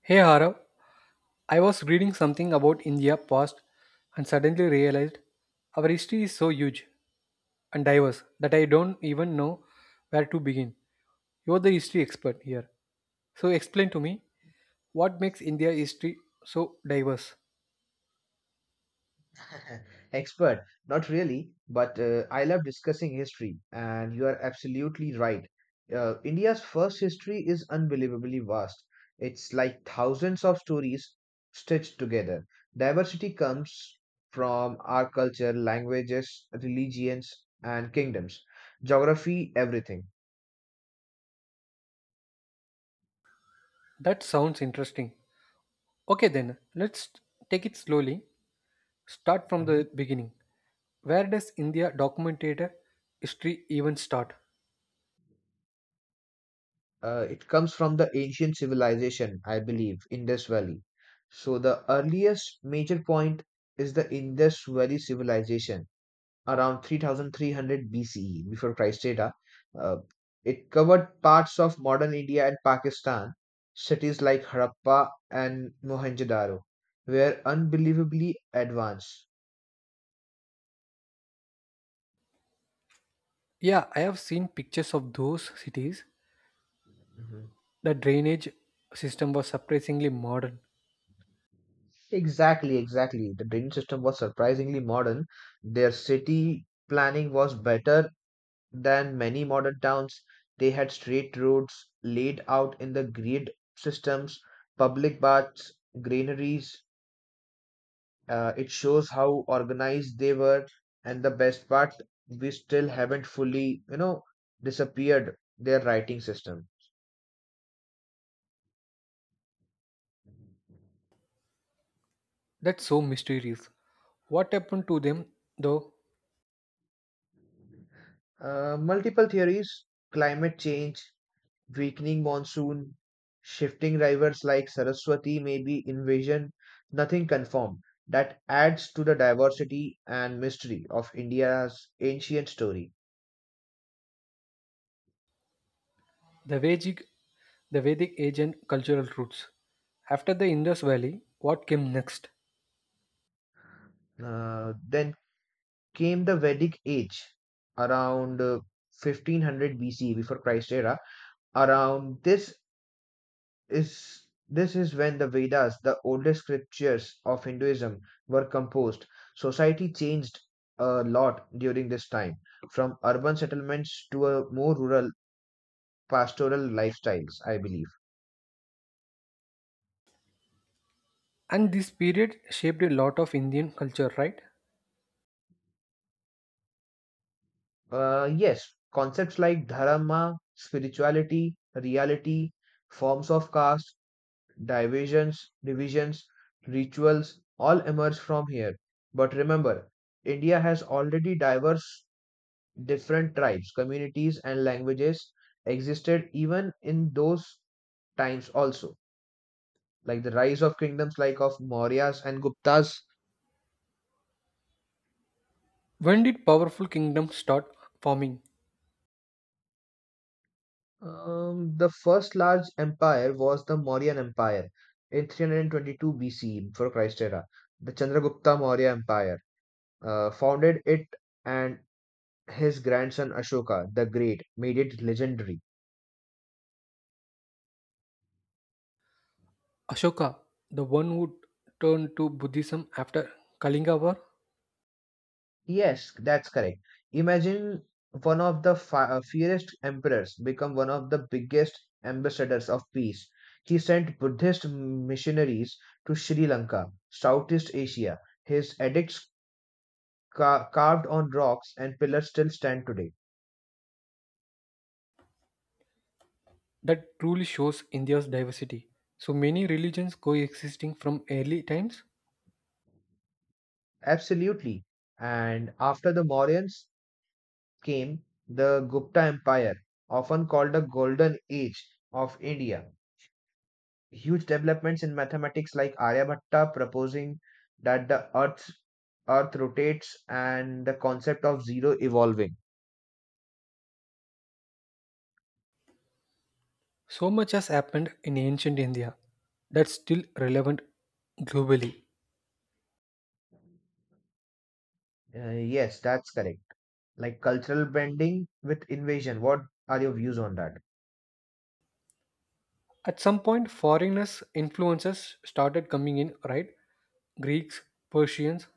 Hey Harav, I was reading something about India past and suddenly realized our history is so huge and diverse that I don't even know where to begin. You're the history expert here. So explain to me what makes India history so diverse. Expert, not really, but I love discussing history, and you are absolutely right. India's first history is unbelievably vast. It's like thousands of stories stitched together. Diversity comes from our culture, languages, religions, and kingdoms, geography, everything. That sounds interesting. Okay then, let's take it slowly. Start from the beginning. Where does India documented history even start? It comes from the ancient civilization, I believe, Indus Valley. So the earliest major point is the Indus Valley civilization around 3300 BCE before Christ era. Uh, uh, it covered parts of modern India and Pakistan, cities like Harappa and Mohenjo-daro were unbelievably advanced. Yeah, I have seen pictures of those cities. Mhm. The drainage system was surprisingly modern. Exactly, exactly. The drainage system was surprisingly modern. Their city planning was better than many modern towns. They had straight roads laid out in the grid systems, public baths, granaries. It shows how organized they were, and the best part, we still haven't fully, disappeared their writing system. That's so mysterious. What happened to them, though? Multiple theories, climate change, weakening monsoon, shifting rivers like Saraswati may be invasion. Nothing confirmed. That adds to the diversity and mystery of India's ancient story. The Vedic, the Vedic age and cultural roots. After the Indus Valley, what came next? Then came the Vedic age around 1500 BC before Christ era. Around this is when the Vedas, the oldest scriptures of Hinduism, were composed. Society changed a lot during this time, from urban settlements to a more rural pastoral lifestyles, I believe. And this period shaped a lot of Indian culture, right? Yes, concepts like dharma, spirituality, reality, forms of caste, divisions, rituals all emerge from here. But remember, India has already diverse different tribes, communities, and languages existed even in those times also. Like the rise of kingdoms like of Mauryas and Guptas. When did powerful kingdoms start forming? The first large empire was the Mauryan Empire in 322 BCE for Christ era. The Chandragupta Maurya Empire founded it, and his grandson Ashoka the Great made it legendary. Ashoka, the one who turned to Buddhism after Kalinga War, Yes, that's correct. Imagine one of the fiercest emperors become one of the biggest ambassadors of peace. He sent Buddhist missionaries to Sri Lanka, Southeast Asia. His edicts carved on rocks and pillars still stand today. that truly shows India's diversity. So many religions coexisting from early times. Absolutely. And after the Mauryans came the Gupta Empire, often called the Golden Age of India. Huge developments in mathematics like Aryabhatta proposing that the earth rotates and the concept of zero evolving. So much has happened in ancient India that's still relevant globally. Yes, that's correct. Like cultural bending with invasion. What are your views on that? At some point, foreigners' influences started coming in, right? Greeks, Persians,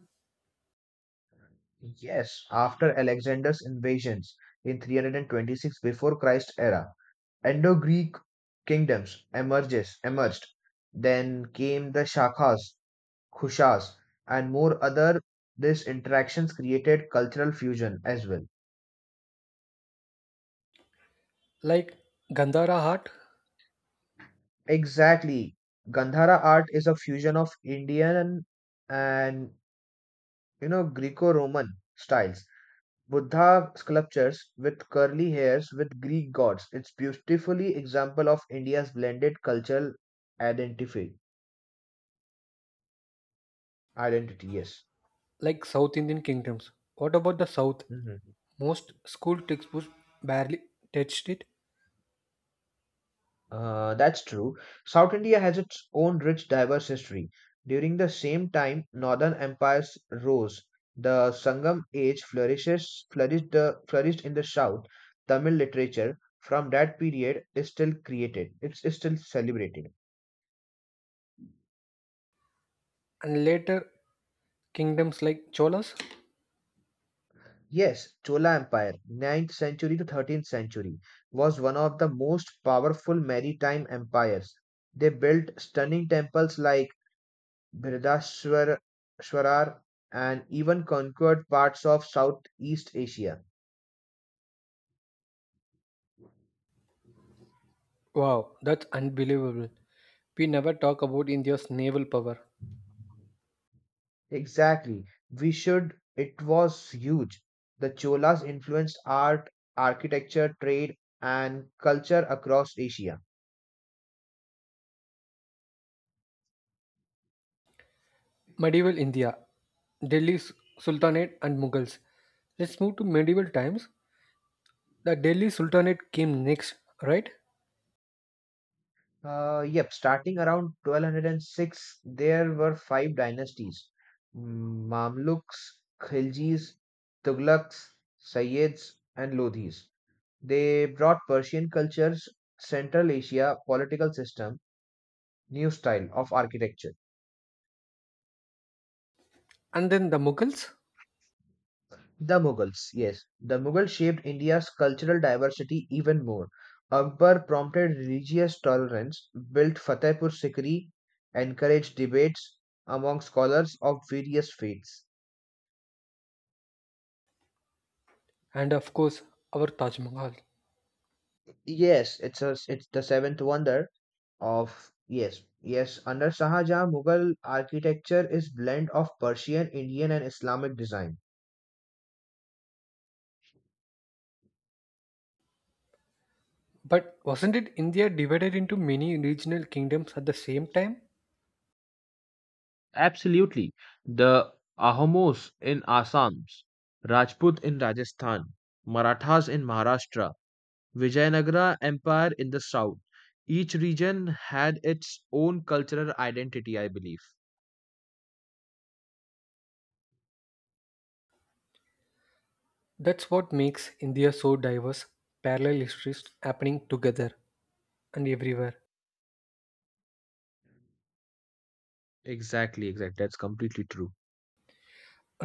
Yes, after Alexander's invasions in 326 before Christ era, Indo-Greek kingdoms emerges emerged. Then came the Shakas khushas, and more other these interactions created cultural fusion as well. like Gandhara art, Exactly. Gandhara art is a fusion of Indian and you know Greco-Roman styles. Buddha sculptures with curly hairs with Greek gods. It's beautifully example of India's blended cultural identity. Identity, yes. like South Indian kingdoms. What about the South? Mm-hmm. Most school textbooks barely touched it, That's true. South India has its own rich, diverse history. During the same time, Northern empires rose. The Sangam age flourishes flourished the flourished in the South. Tamil literature from that period is still created. It's still celebrated. and later kingdoms like Cholas. Yes, Chola Empire, ninth century to 13th century, was one of the most powerful maritime empires. They built stunning temples like Bridashwarar, and even conquered parts of Southeast Asia. Wow, that's unbelievable. We never talk about India's naval power. Exactly. We should. It was huge. The Cholas influenced art, architecture, trade, and culture across Asia. Medieval India, Delhi Sultanate and Mughals. Let's move to medieval times. The Delhi Sultanate came next, right? Yep, starting around 1206, there were five dynasties Mamluks, Khiljis, Tughlaqs, Sayyids, and Lodhis. They brought Persian cultures, Central Asia political system, new style of architecture. And then the Mughals, The Mughals, yes, the Mughals shaped India's cultural diversity even more. Akbar prompted religious tolerance, built Fatehpur Sikri, encouraged debates among scholars of various faiths. and of course, our Taj Mahal. Yes, it's a, it's the seventh wonder of yes, yes. Under Shah Jahan, Mughal architecture is blend of Persian, Indian, and Islamic design. But wasn't it India divided into many regional kingdoms at the same time? Absolutely. The Ahomos in Assam, Rajput in Rajasthan, Marathas in Maharashtra, Vijayanagara Empire in the south. Each region had its own cultural identity, I believe. That's what makes India so diverse, parallel histories happening together and everywhere. Exactly, exactly. That's completely true.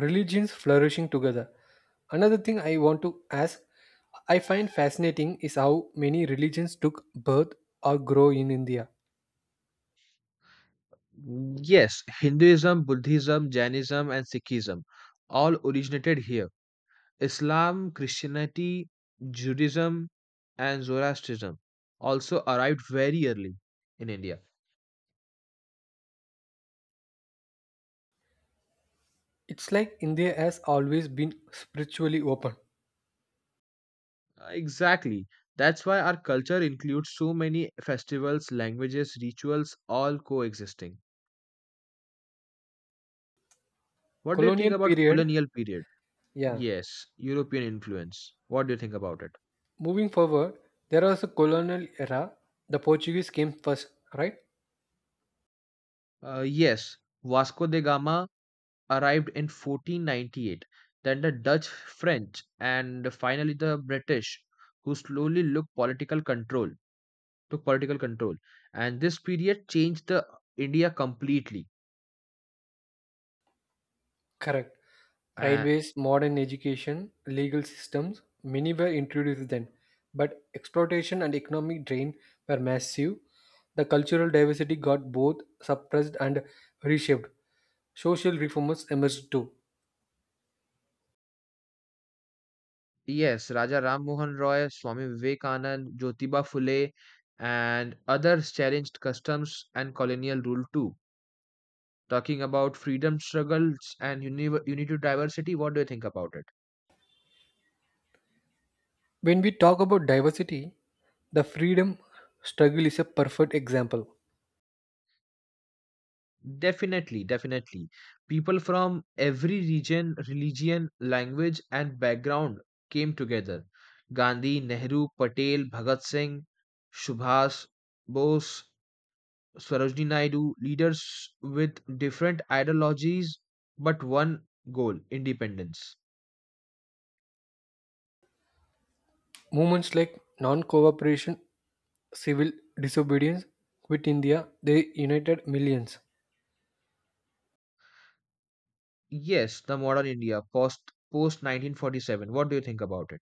Religions flourishing together. Another thing I want to ask, I find fascinating is how many religions took birth or grow in India. Mm, yes, Hinduism, Buddhism, Jainism, and Sikhism all originated here. Islam, Christianity, Judaism, and Zoroastrianism also arrived very early in India. It's like India has always been spiritually open. Exactly. That's why our culture includes so many festivals, languages, rituals, all coexisting. What do you think Colonial about period, colonial period? yeah. Yes, European influence. What do you think about it? Moving forward, there was a colonial era. The Portuguese came first, right? Yes, Vasco da Gama arrived in 1498, then the Dutch, French, and finally the British, who slowly took political control. And this period changed the India completely. Correct. Uh, Railways, modern education, legal systems, many were introduced then, but exploitation and economic drain were massive. The cultural diversity got both suppressed and reshaped. Social reformers emerged too. Yes, Raja Ram Mohan Roy, Swami Vivekanand, Jyotiba Phule, and others challenged customs and colonial rule too. Talking about freedom struggles and unity diversity, what do you think about it? When we talk about diversity, the freedom struggle is a perfect example. Definitely, definitely. People from every region, religion, language, and background came together. Gandhi, Nehru, Patel, Bhagat Singh, Subhas Bose, Sarojini Naidu, leaders with different ideologies but one goal independence. Movements like non cooperation, civil disobedience, Quit India, they united millions. Yes, the modern India post 1947. What do you think about it?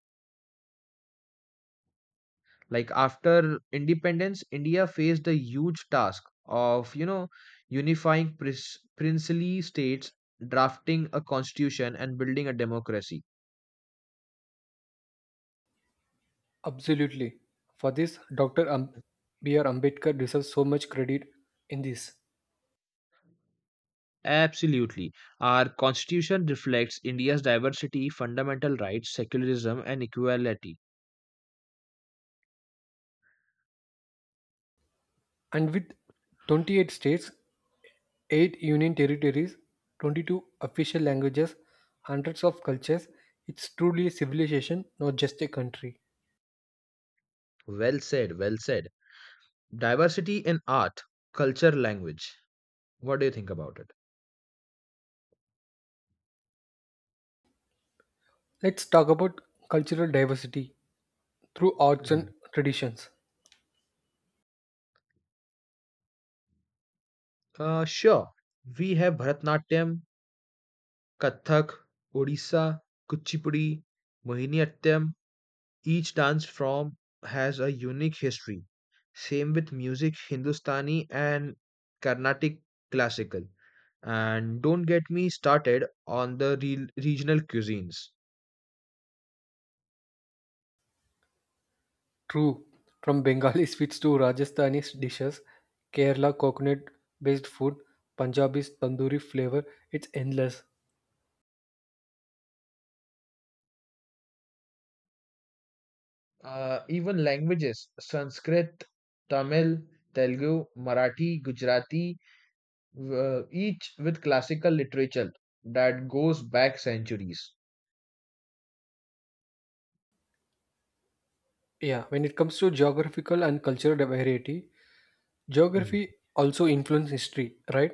Like after independence, India faced the huge task of, unifying princely states, drafting a constitution, and building a democracy. Absolutely. For this, B.R. Ambedkar deserves so much credit in this. Absolutely. Our constitution reflects India's diversity, fundamental rights, secularism, and equality. And with 28 states, 8 union territories, 22 official languages, hundreds of cultures, it's truly a civilization, not just a country. Well said, well said. Diversity in art, culture, language. What do you think about it? Let's talk about cultural diversity through arts Mhm. and traditions. Sure. We have Bharatnatyam, Kathak, Odisha, Kuchipudi, Mohiniyattam. Each dance form has a unique history. Same with music, Hindustani and Carnatic classical. And don't get me started on the regional cuisines. True, from Bengali sweets to Rajasthani dishes, Kerala coconut based food, Punjabi's tandoori flavor, it's endless. Even languages Sanskrit, Tamil, Telugu, Marathi, Gujarati, each with classical literature that goes back centuries. Yeah, when it comes to geographical and cultural variety, Mhm. geography also influences history, right?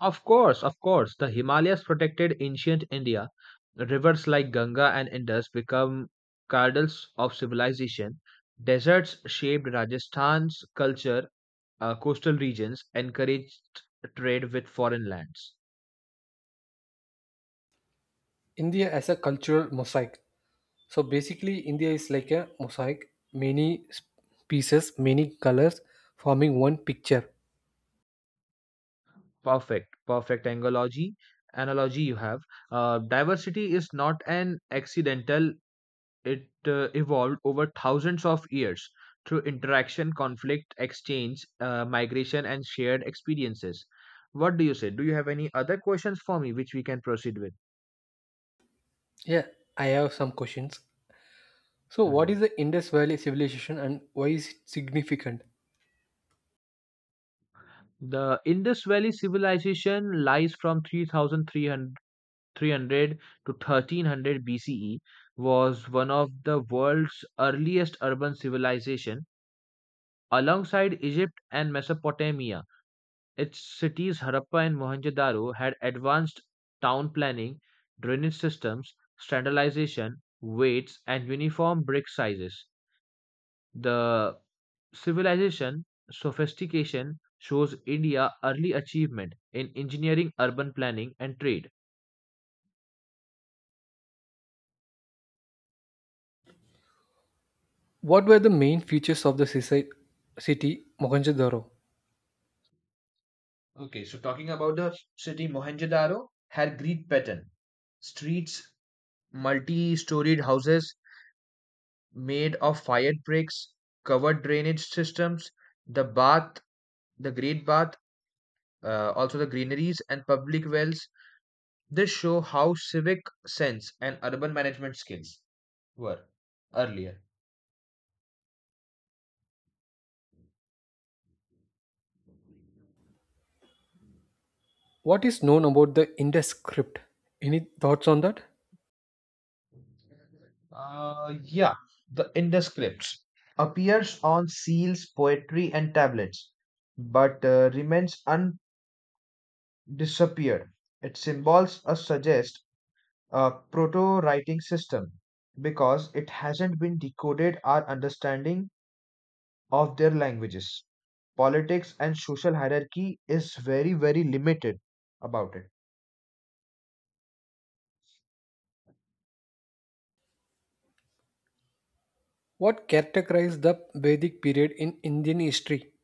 Of course, the Himalayas protected ancient India. Rivers like Ganga and Indus become cradles of civilization. Deserts shaped Rajasthan's culture. Coastal regions encouraged trade with foreign lands. India as a cultural mosaic. So basically, India is like a mosaic, pieces, many colors forming one picture. Perfect, perfect analogy. Analogy you have. Diversity is not an accidental It evolved over thousands of years through interaction, conflict, exchange, migration, and shared experiences. What do you say? Do you have any other questions for me which we can proceed with? Yeah, I have some questions. So, what Mhm. is the Indus Valley civilization and why is it significant? The Indus Valley civilization lies from 3300 to 1300 BCE, was one of the world's earliest urban civilization alongside Egypt and Mesopotamia. Its cities Harappa and Mohenjo-daro had advanced town planning, drainage systems, standardization, weights, and uniform brick sizes. The civilization sophistication shows India early achievement in engineering, urban planning, and trade. What were the main features of the city Mohenjo-daro? Okay, so talking about the city Mohenjo-daro had Greek pattern. Streets, multi-storied houses made of fired bricks, covered drainage systems, the bath The Great Bath, also the greeneries and public wells, this show how civic sense and urban management skills were earlier. What is known about the Indus script? Any thoughts on that? Yeah, the indescripts appears on seals, poetry, and tablets, but remains undisappeared. Its symbols suggest a proto writing system because it hasn't been decoded or understanding of their languages. Politics and social hierarchy is very, very limited about it. What characterized the Vedic period in Indian history?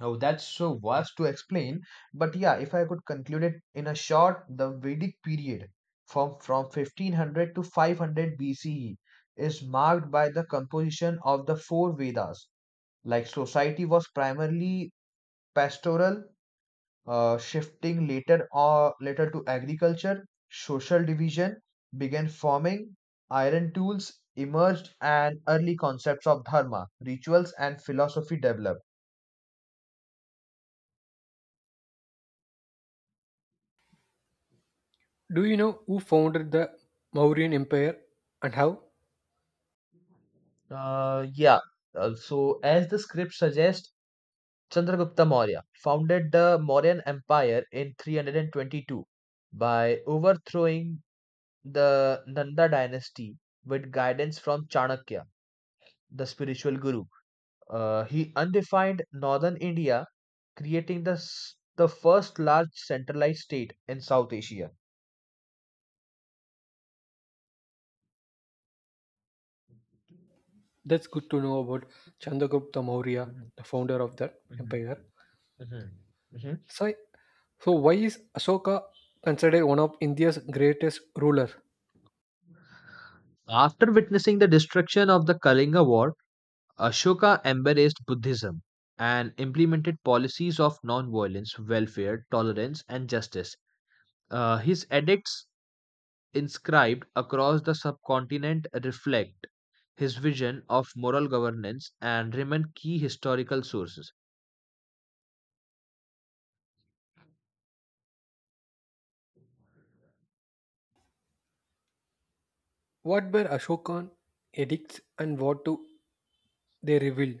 Oh, that's so vast to explain. But yeah, if I could conclude it in a short, the Vedic period from 1500 to 500 BCE is marked by the composition of the four Vedas. Like society was primarily pastoral shifting later or later to agriculture, social division began forming, iron tools emerged, and early concepts of dharma, rituals, and philosophy developed. Do you know who founded the Mauryan Empire and how? Yeah. So, as the script suggests, Chandragupta Maurya founded the Mauryan Empire in 322 by overthrowing the Nanda dynasty with guidance from Chanakya, the spiritual guru. He undefined northern India, creating the first large centralized state in South Asia. That's good to know about Chandragupta Maurya, Mhm, the founder of that mhm, empire. mhm, mhm. So, so why is Ashoka considered one of India's greatest ruler? After witnessing the destruction of the Kalinga War, Ashoka embraced Buddhism and implemented policies of non-violence, welfare, tolerance, and justice. His edicts inscribed across the subcontinent reflect his vision of moral governance and remain key historical sources. What were Ashoka's edicts and what do they reveal?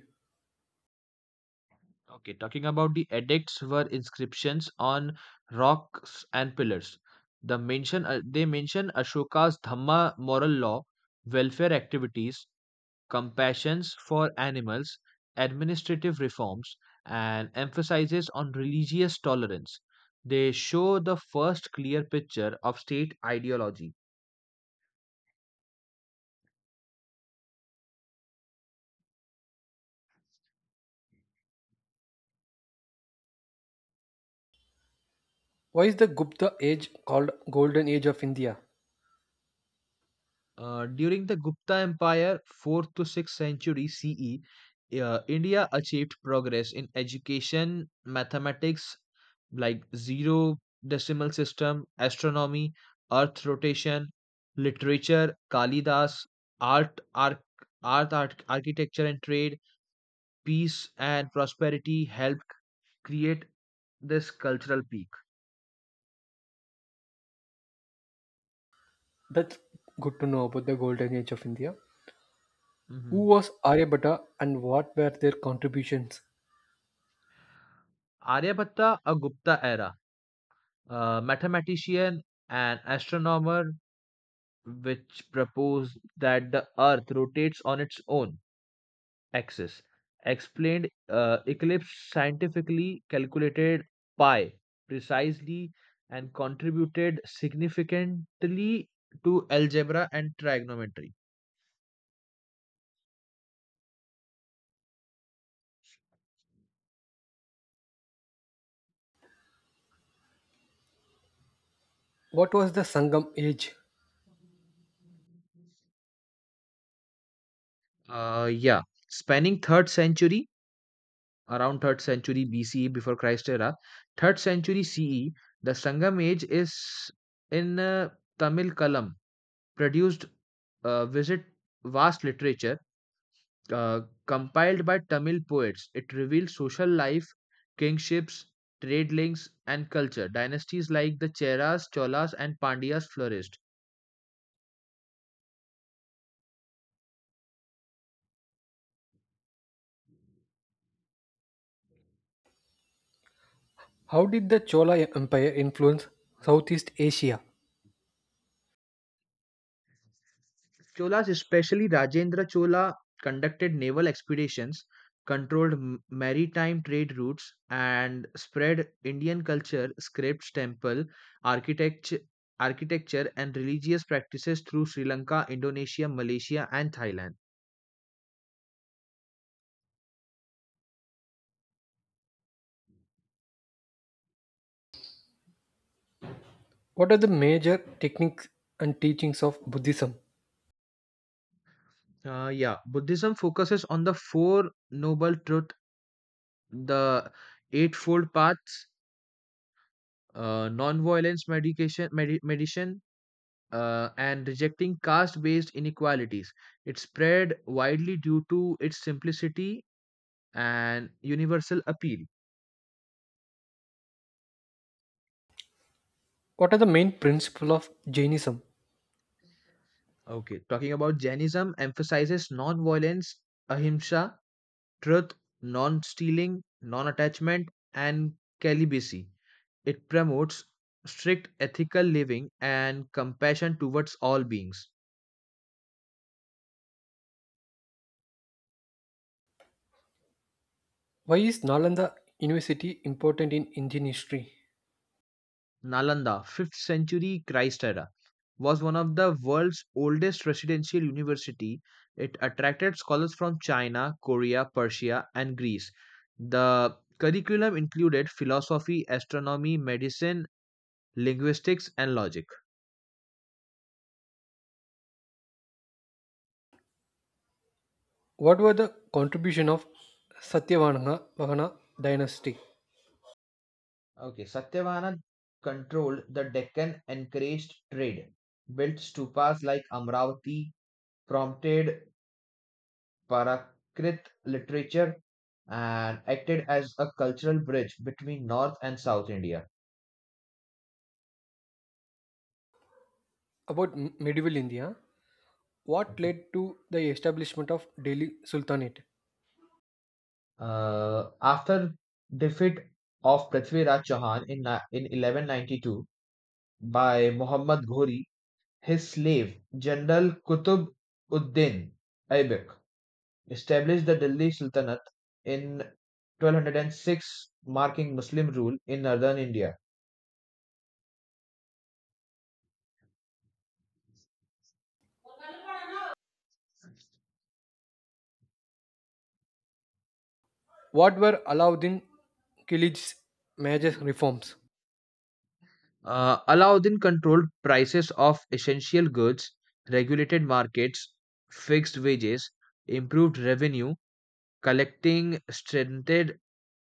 Okay, talking about the edicts were inscriptions on rocks and pillars. They mention Ashoka's Dhamma moral law, welfare activities, compassions for animals, administrative reforms, and emphasizes on religious tolerance. They show the first clear picture of state ideology. Why is the Gupta age called Golden Age of India? During the Gupta Empire, 4th to 6th century CE, India achieved progress in education, mathematics, like zero decimal system, astronomy, earth rotation, literature, Kalidas, art, arch, architecture and trade, peace and prosperity helped create this cultural peak. That's good to know about the Golden Age of India. Who Mhm. was Aryabhatta and what were their contributions? Aryabhatta, a Gupta era, mathematician and astronomer which proposed that the Earth rotates on its own axis, explained eclipse scientifically calculated pi precisely and contributed significantly to algebra and trigonometry. What was the Sangam age? Yeah, spanning third century BCE before Christ era, third century CE, the Sangam age is in Tamil Kalam produced visit vast literature Uh, compiled by Tamil poets, it reveals social life, kingships, trade links, and culture. Dynasties like the Cheras, Cholas, and Pandyas flourished. How did the Chola Empire influence Southeast Asia? Cholas, especially Rajendra Chola, conducted naval expeditions, controlled maritime trade routes, and spread Indian culture, scripts, temple, architecture, architecture, and religious practices through Sri Lanka, Indonesia, Malaysia, and Thailand. What are the major techniques and teachings of Buddhism? Yeah, Buddhism focuses on the four noble truths, the eightfold paths, non-violence meditation, and rejecting caste-based inequalities. It spread widely due to its simplicity and universal appeal. What are the main principles of Jainism? Okay, talking about Jainism emphasizes non-violence, ahimsa, truth, non-stealing, non-attachment, and celibacy. It promotes strict ethical living and compassion towards all beings. Why is Nalanda University important in Indian history? Nalanda, 5th century Christ era, was one of the world's oldest residential university. It attracted scholars from China, Korea, Persia and Greece. The curriculum included philosophy, astronomy, medicine, linguistics and logic. What were the contribution of Satyavahana Vahana dynasty? Okay, Satyavahana controlled the Deccan, encouraged trade, built stupas like Amravati, prompted Prakrit literature and acted as a cultural bridge between North and South India. About medieval India, what Mhm. led to the establishment of Delhi Sultanate? After defeat of Prithviraj Chauhan in 1192 by Muhammad Ghori, his slave General Qutb ud-Din Aibak established the Delhi Sultanate in 1206, marking Muslim rule in northern India. What were Alauddin Khilji's major reforms? Alauddin controlled prices of essential goods, regulated markets, fixed wages, improved revenue, collecting strengthened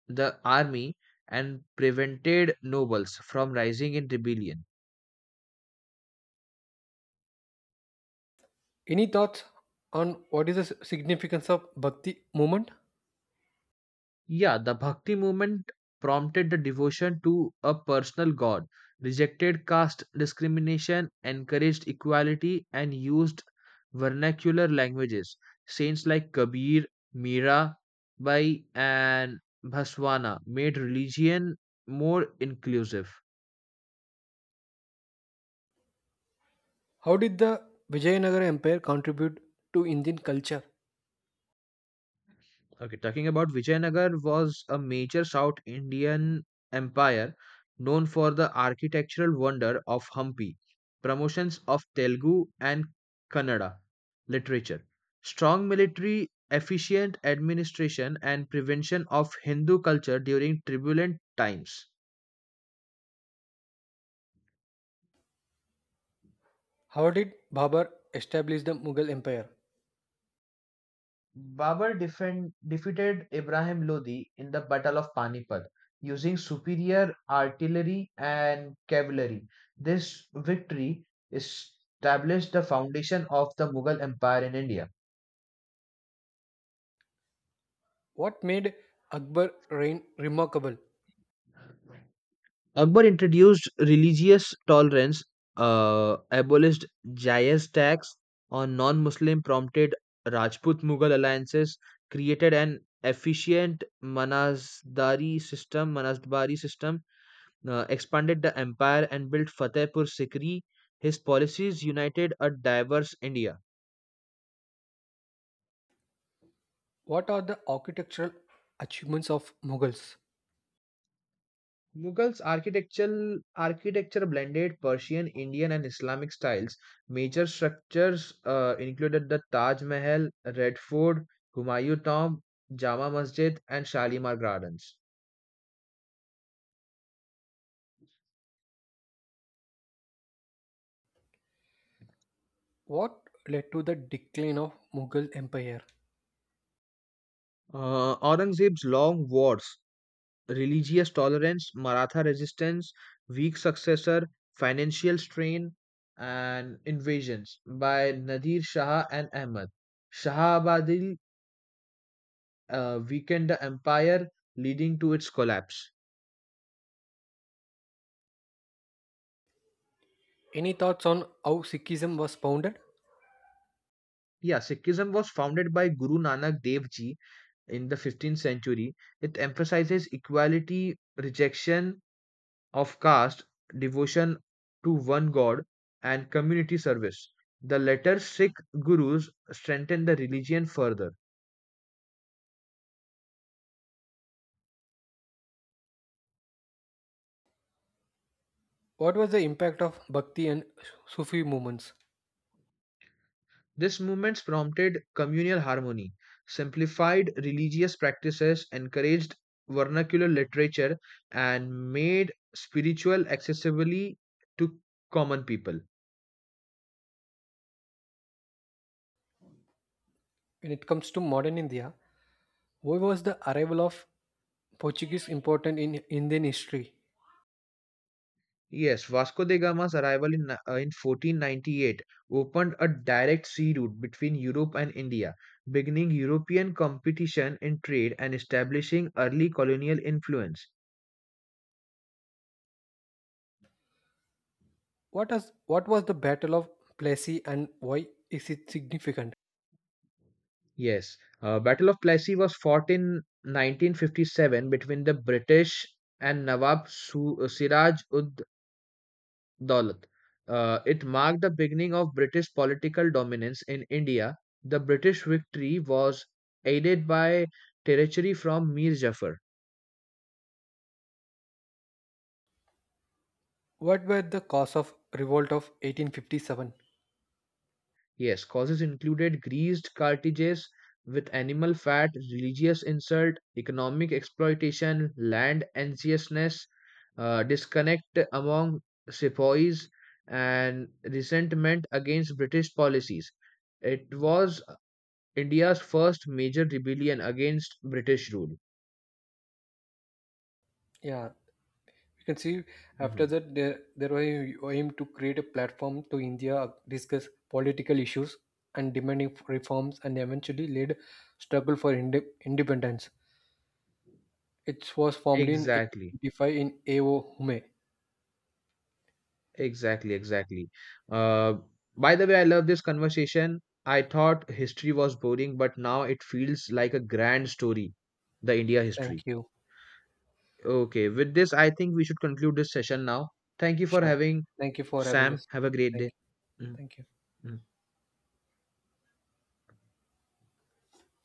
the army, and prevented nobles from rising in rebellion. Any thoughts on what is the significance of Bhakti movement? Yeah, the Bhakti movement prompted the devotion to a personal god, rejected caste discrimination, encouraged equality, and used vernacular languages. Saints like Kabir, Mira, Bai, and Bhaswana made religion more inclusive. How did the Vijayanagara Empire contribute to Indian culture? Okay, talking about Vijayanagar was a major South Indian empire known for the architectural wonder of Hampi, promotions of Telugu and Kannada literature, strong military, efficient administration, and prevention of Hindu culture during turbulent times. How did Babur establish the Mughal Empire? Defeated Ibrahim Lodi in the Battle of Panipat using superior artillery and cavalry. This victory established the foundation of the Mughal Empire in India. What made Akbar reign remarkable? Akbar introduced religious tolerance, abolished Jayas tax on non-Muslim, prompted Rajput-Mughal alliances, created an efficient Manasdari system, expanded the empire and built Fatehpur Sikri, his policies united a diverse India. What are the architectural achievements of Mughals? Mughals' architectural architecture blended Persian, Indian, and Islamic styles. Major structures included the Taj Mahal, Red Fort, Humayun Tomb, Jama Masjid, and Shalimar Gardens. What led to the decline of Mughal Empire? Aurangzeb's long wars religious tolerance, Maratha resistance, weak successor, financial strain, and invasions by Nadir Shah and Ahmad. Shahabadil weakened the empire, leading to its collapse. Any thoughts on how Sikhism was founded? Yeah, Sikhism was founded by Guru Nanak Dev Ji in the 15th century. It emphasizes equality, rejection, of caste, devotion to one god, and community service. The latter Sikh gurus strengthened the religion further. What was the impact of Bhakti and Sufi movements? This movement prompted communal harmony, simplified religious practices, encouraged vernacular literature, and made spiritual accessibility to common people. When it comes to modern India, why was the arrival of Portuguese important in Indian history? Yes, Vasco da Gama's arrival in 1498 opened a direct sea route between Europe and India, beginning European competition in trade and establishing early colonial influence. What was the Battle of Plassey and why is it significant? Yes, Battle of Plassey was fought in 1957 between the British and Nawab Siraj ud Daulat. It marked the beginning of British political dominance in India. The British victory was aided by territory from Mir Jafar. What were the cause of revolt of 1857? Yes, causes included greased cartridges with animal fat, religious insult, economic exploitation, land anxiousness, disconnect among sepoys, and resentment against British policies. It was India's first major rebellion against British rule. Yeah, you can see after Hmm. that there were aim to create a platform to India, discuss political issues and demanding reforms and eventually led struggle for independence. It was formed in Exactly, 1885 in Aohome. exactly, exactly. Uh, by the way, I love this conversation. I thought history was boring, but now it feels like a grand story, the India history. Thank you. Okay, with this, I think we should conclude this session now. Thank you for Sure. having Thank you for having Sam. us. Have a great day. Thank you. Hmm. Thank you.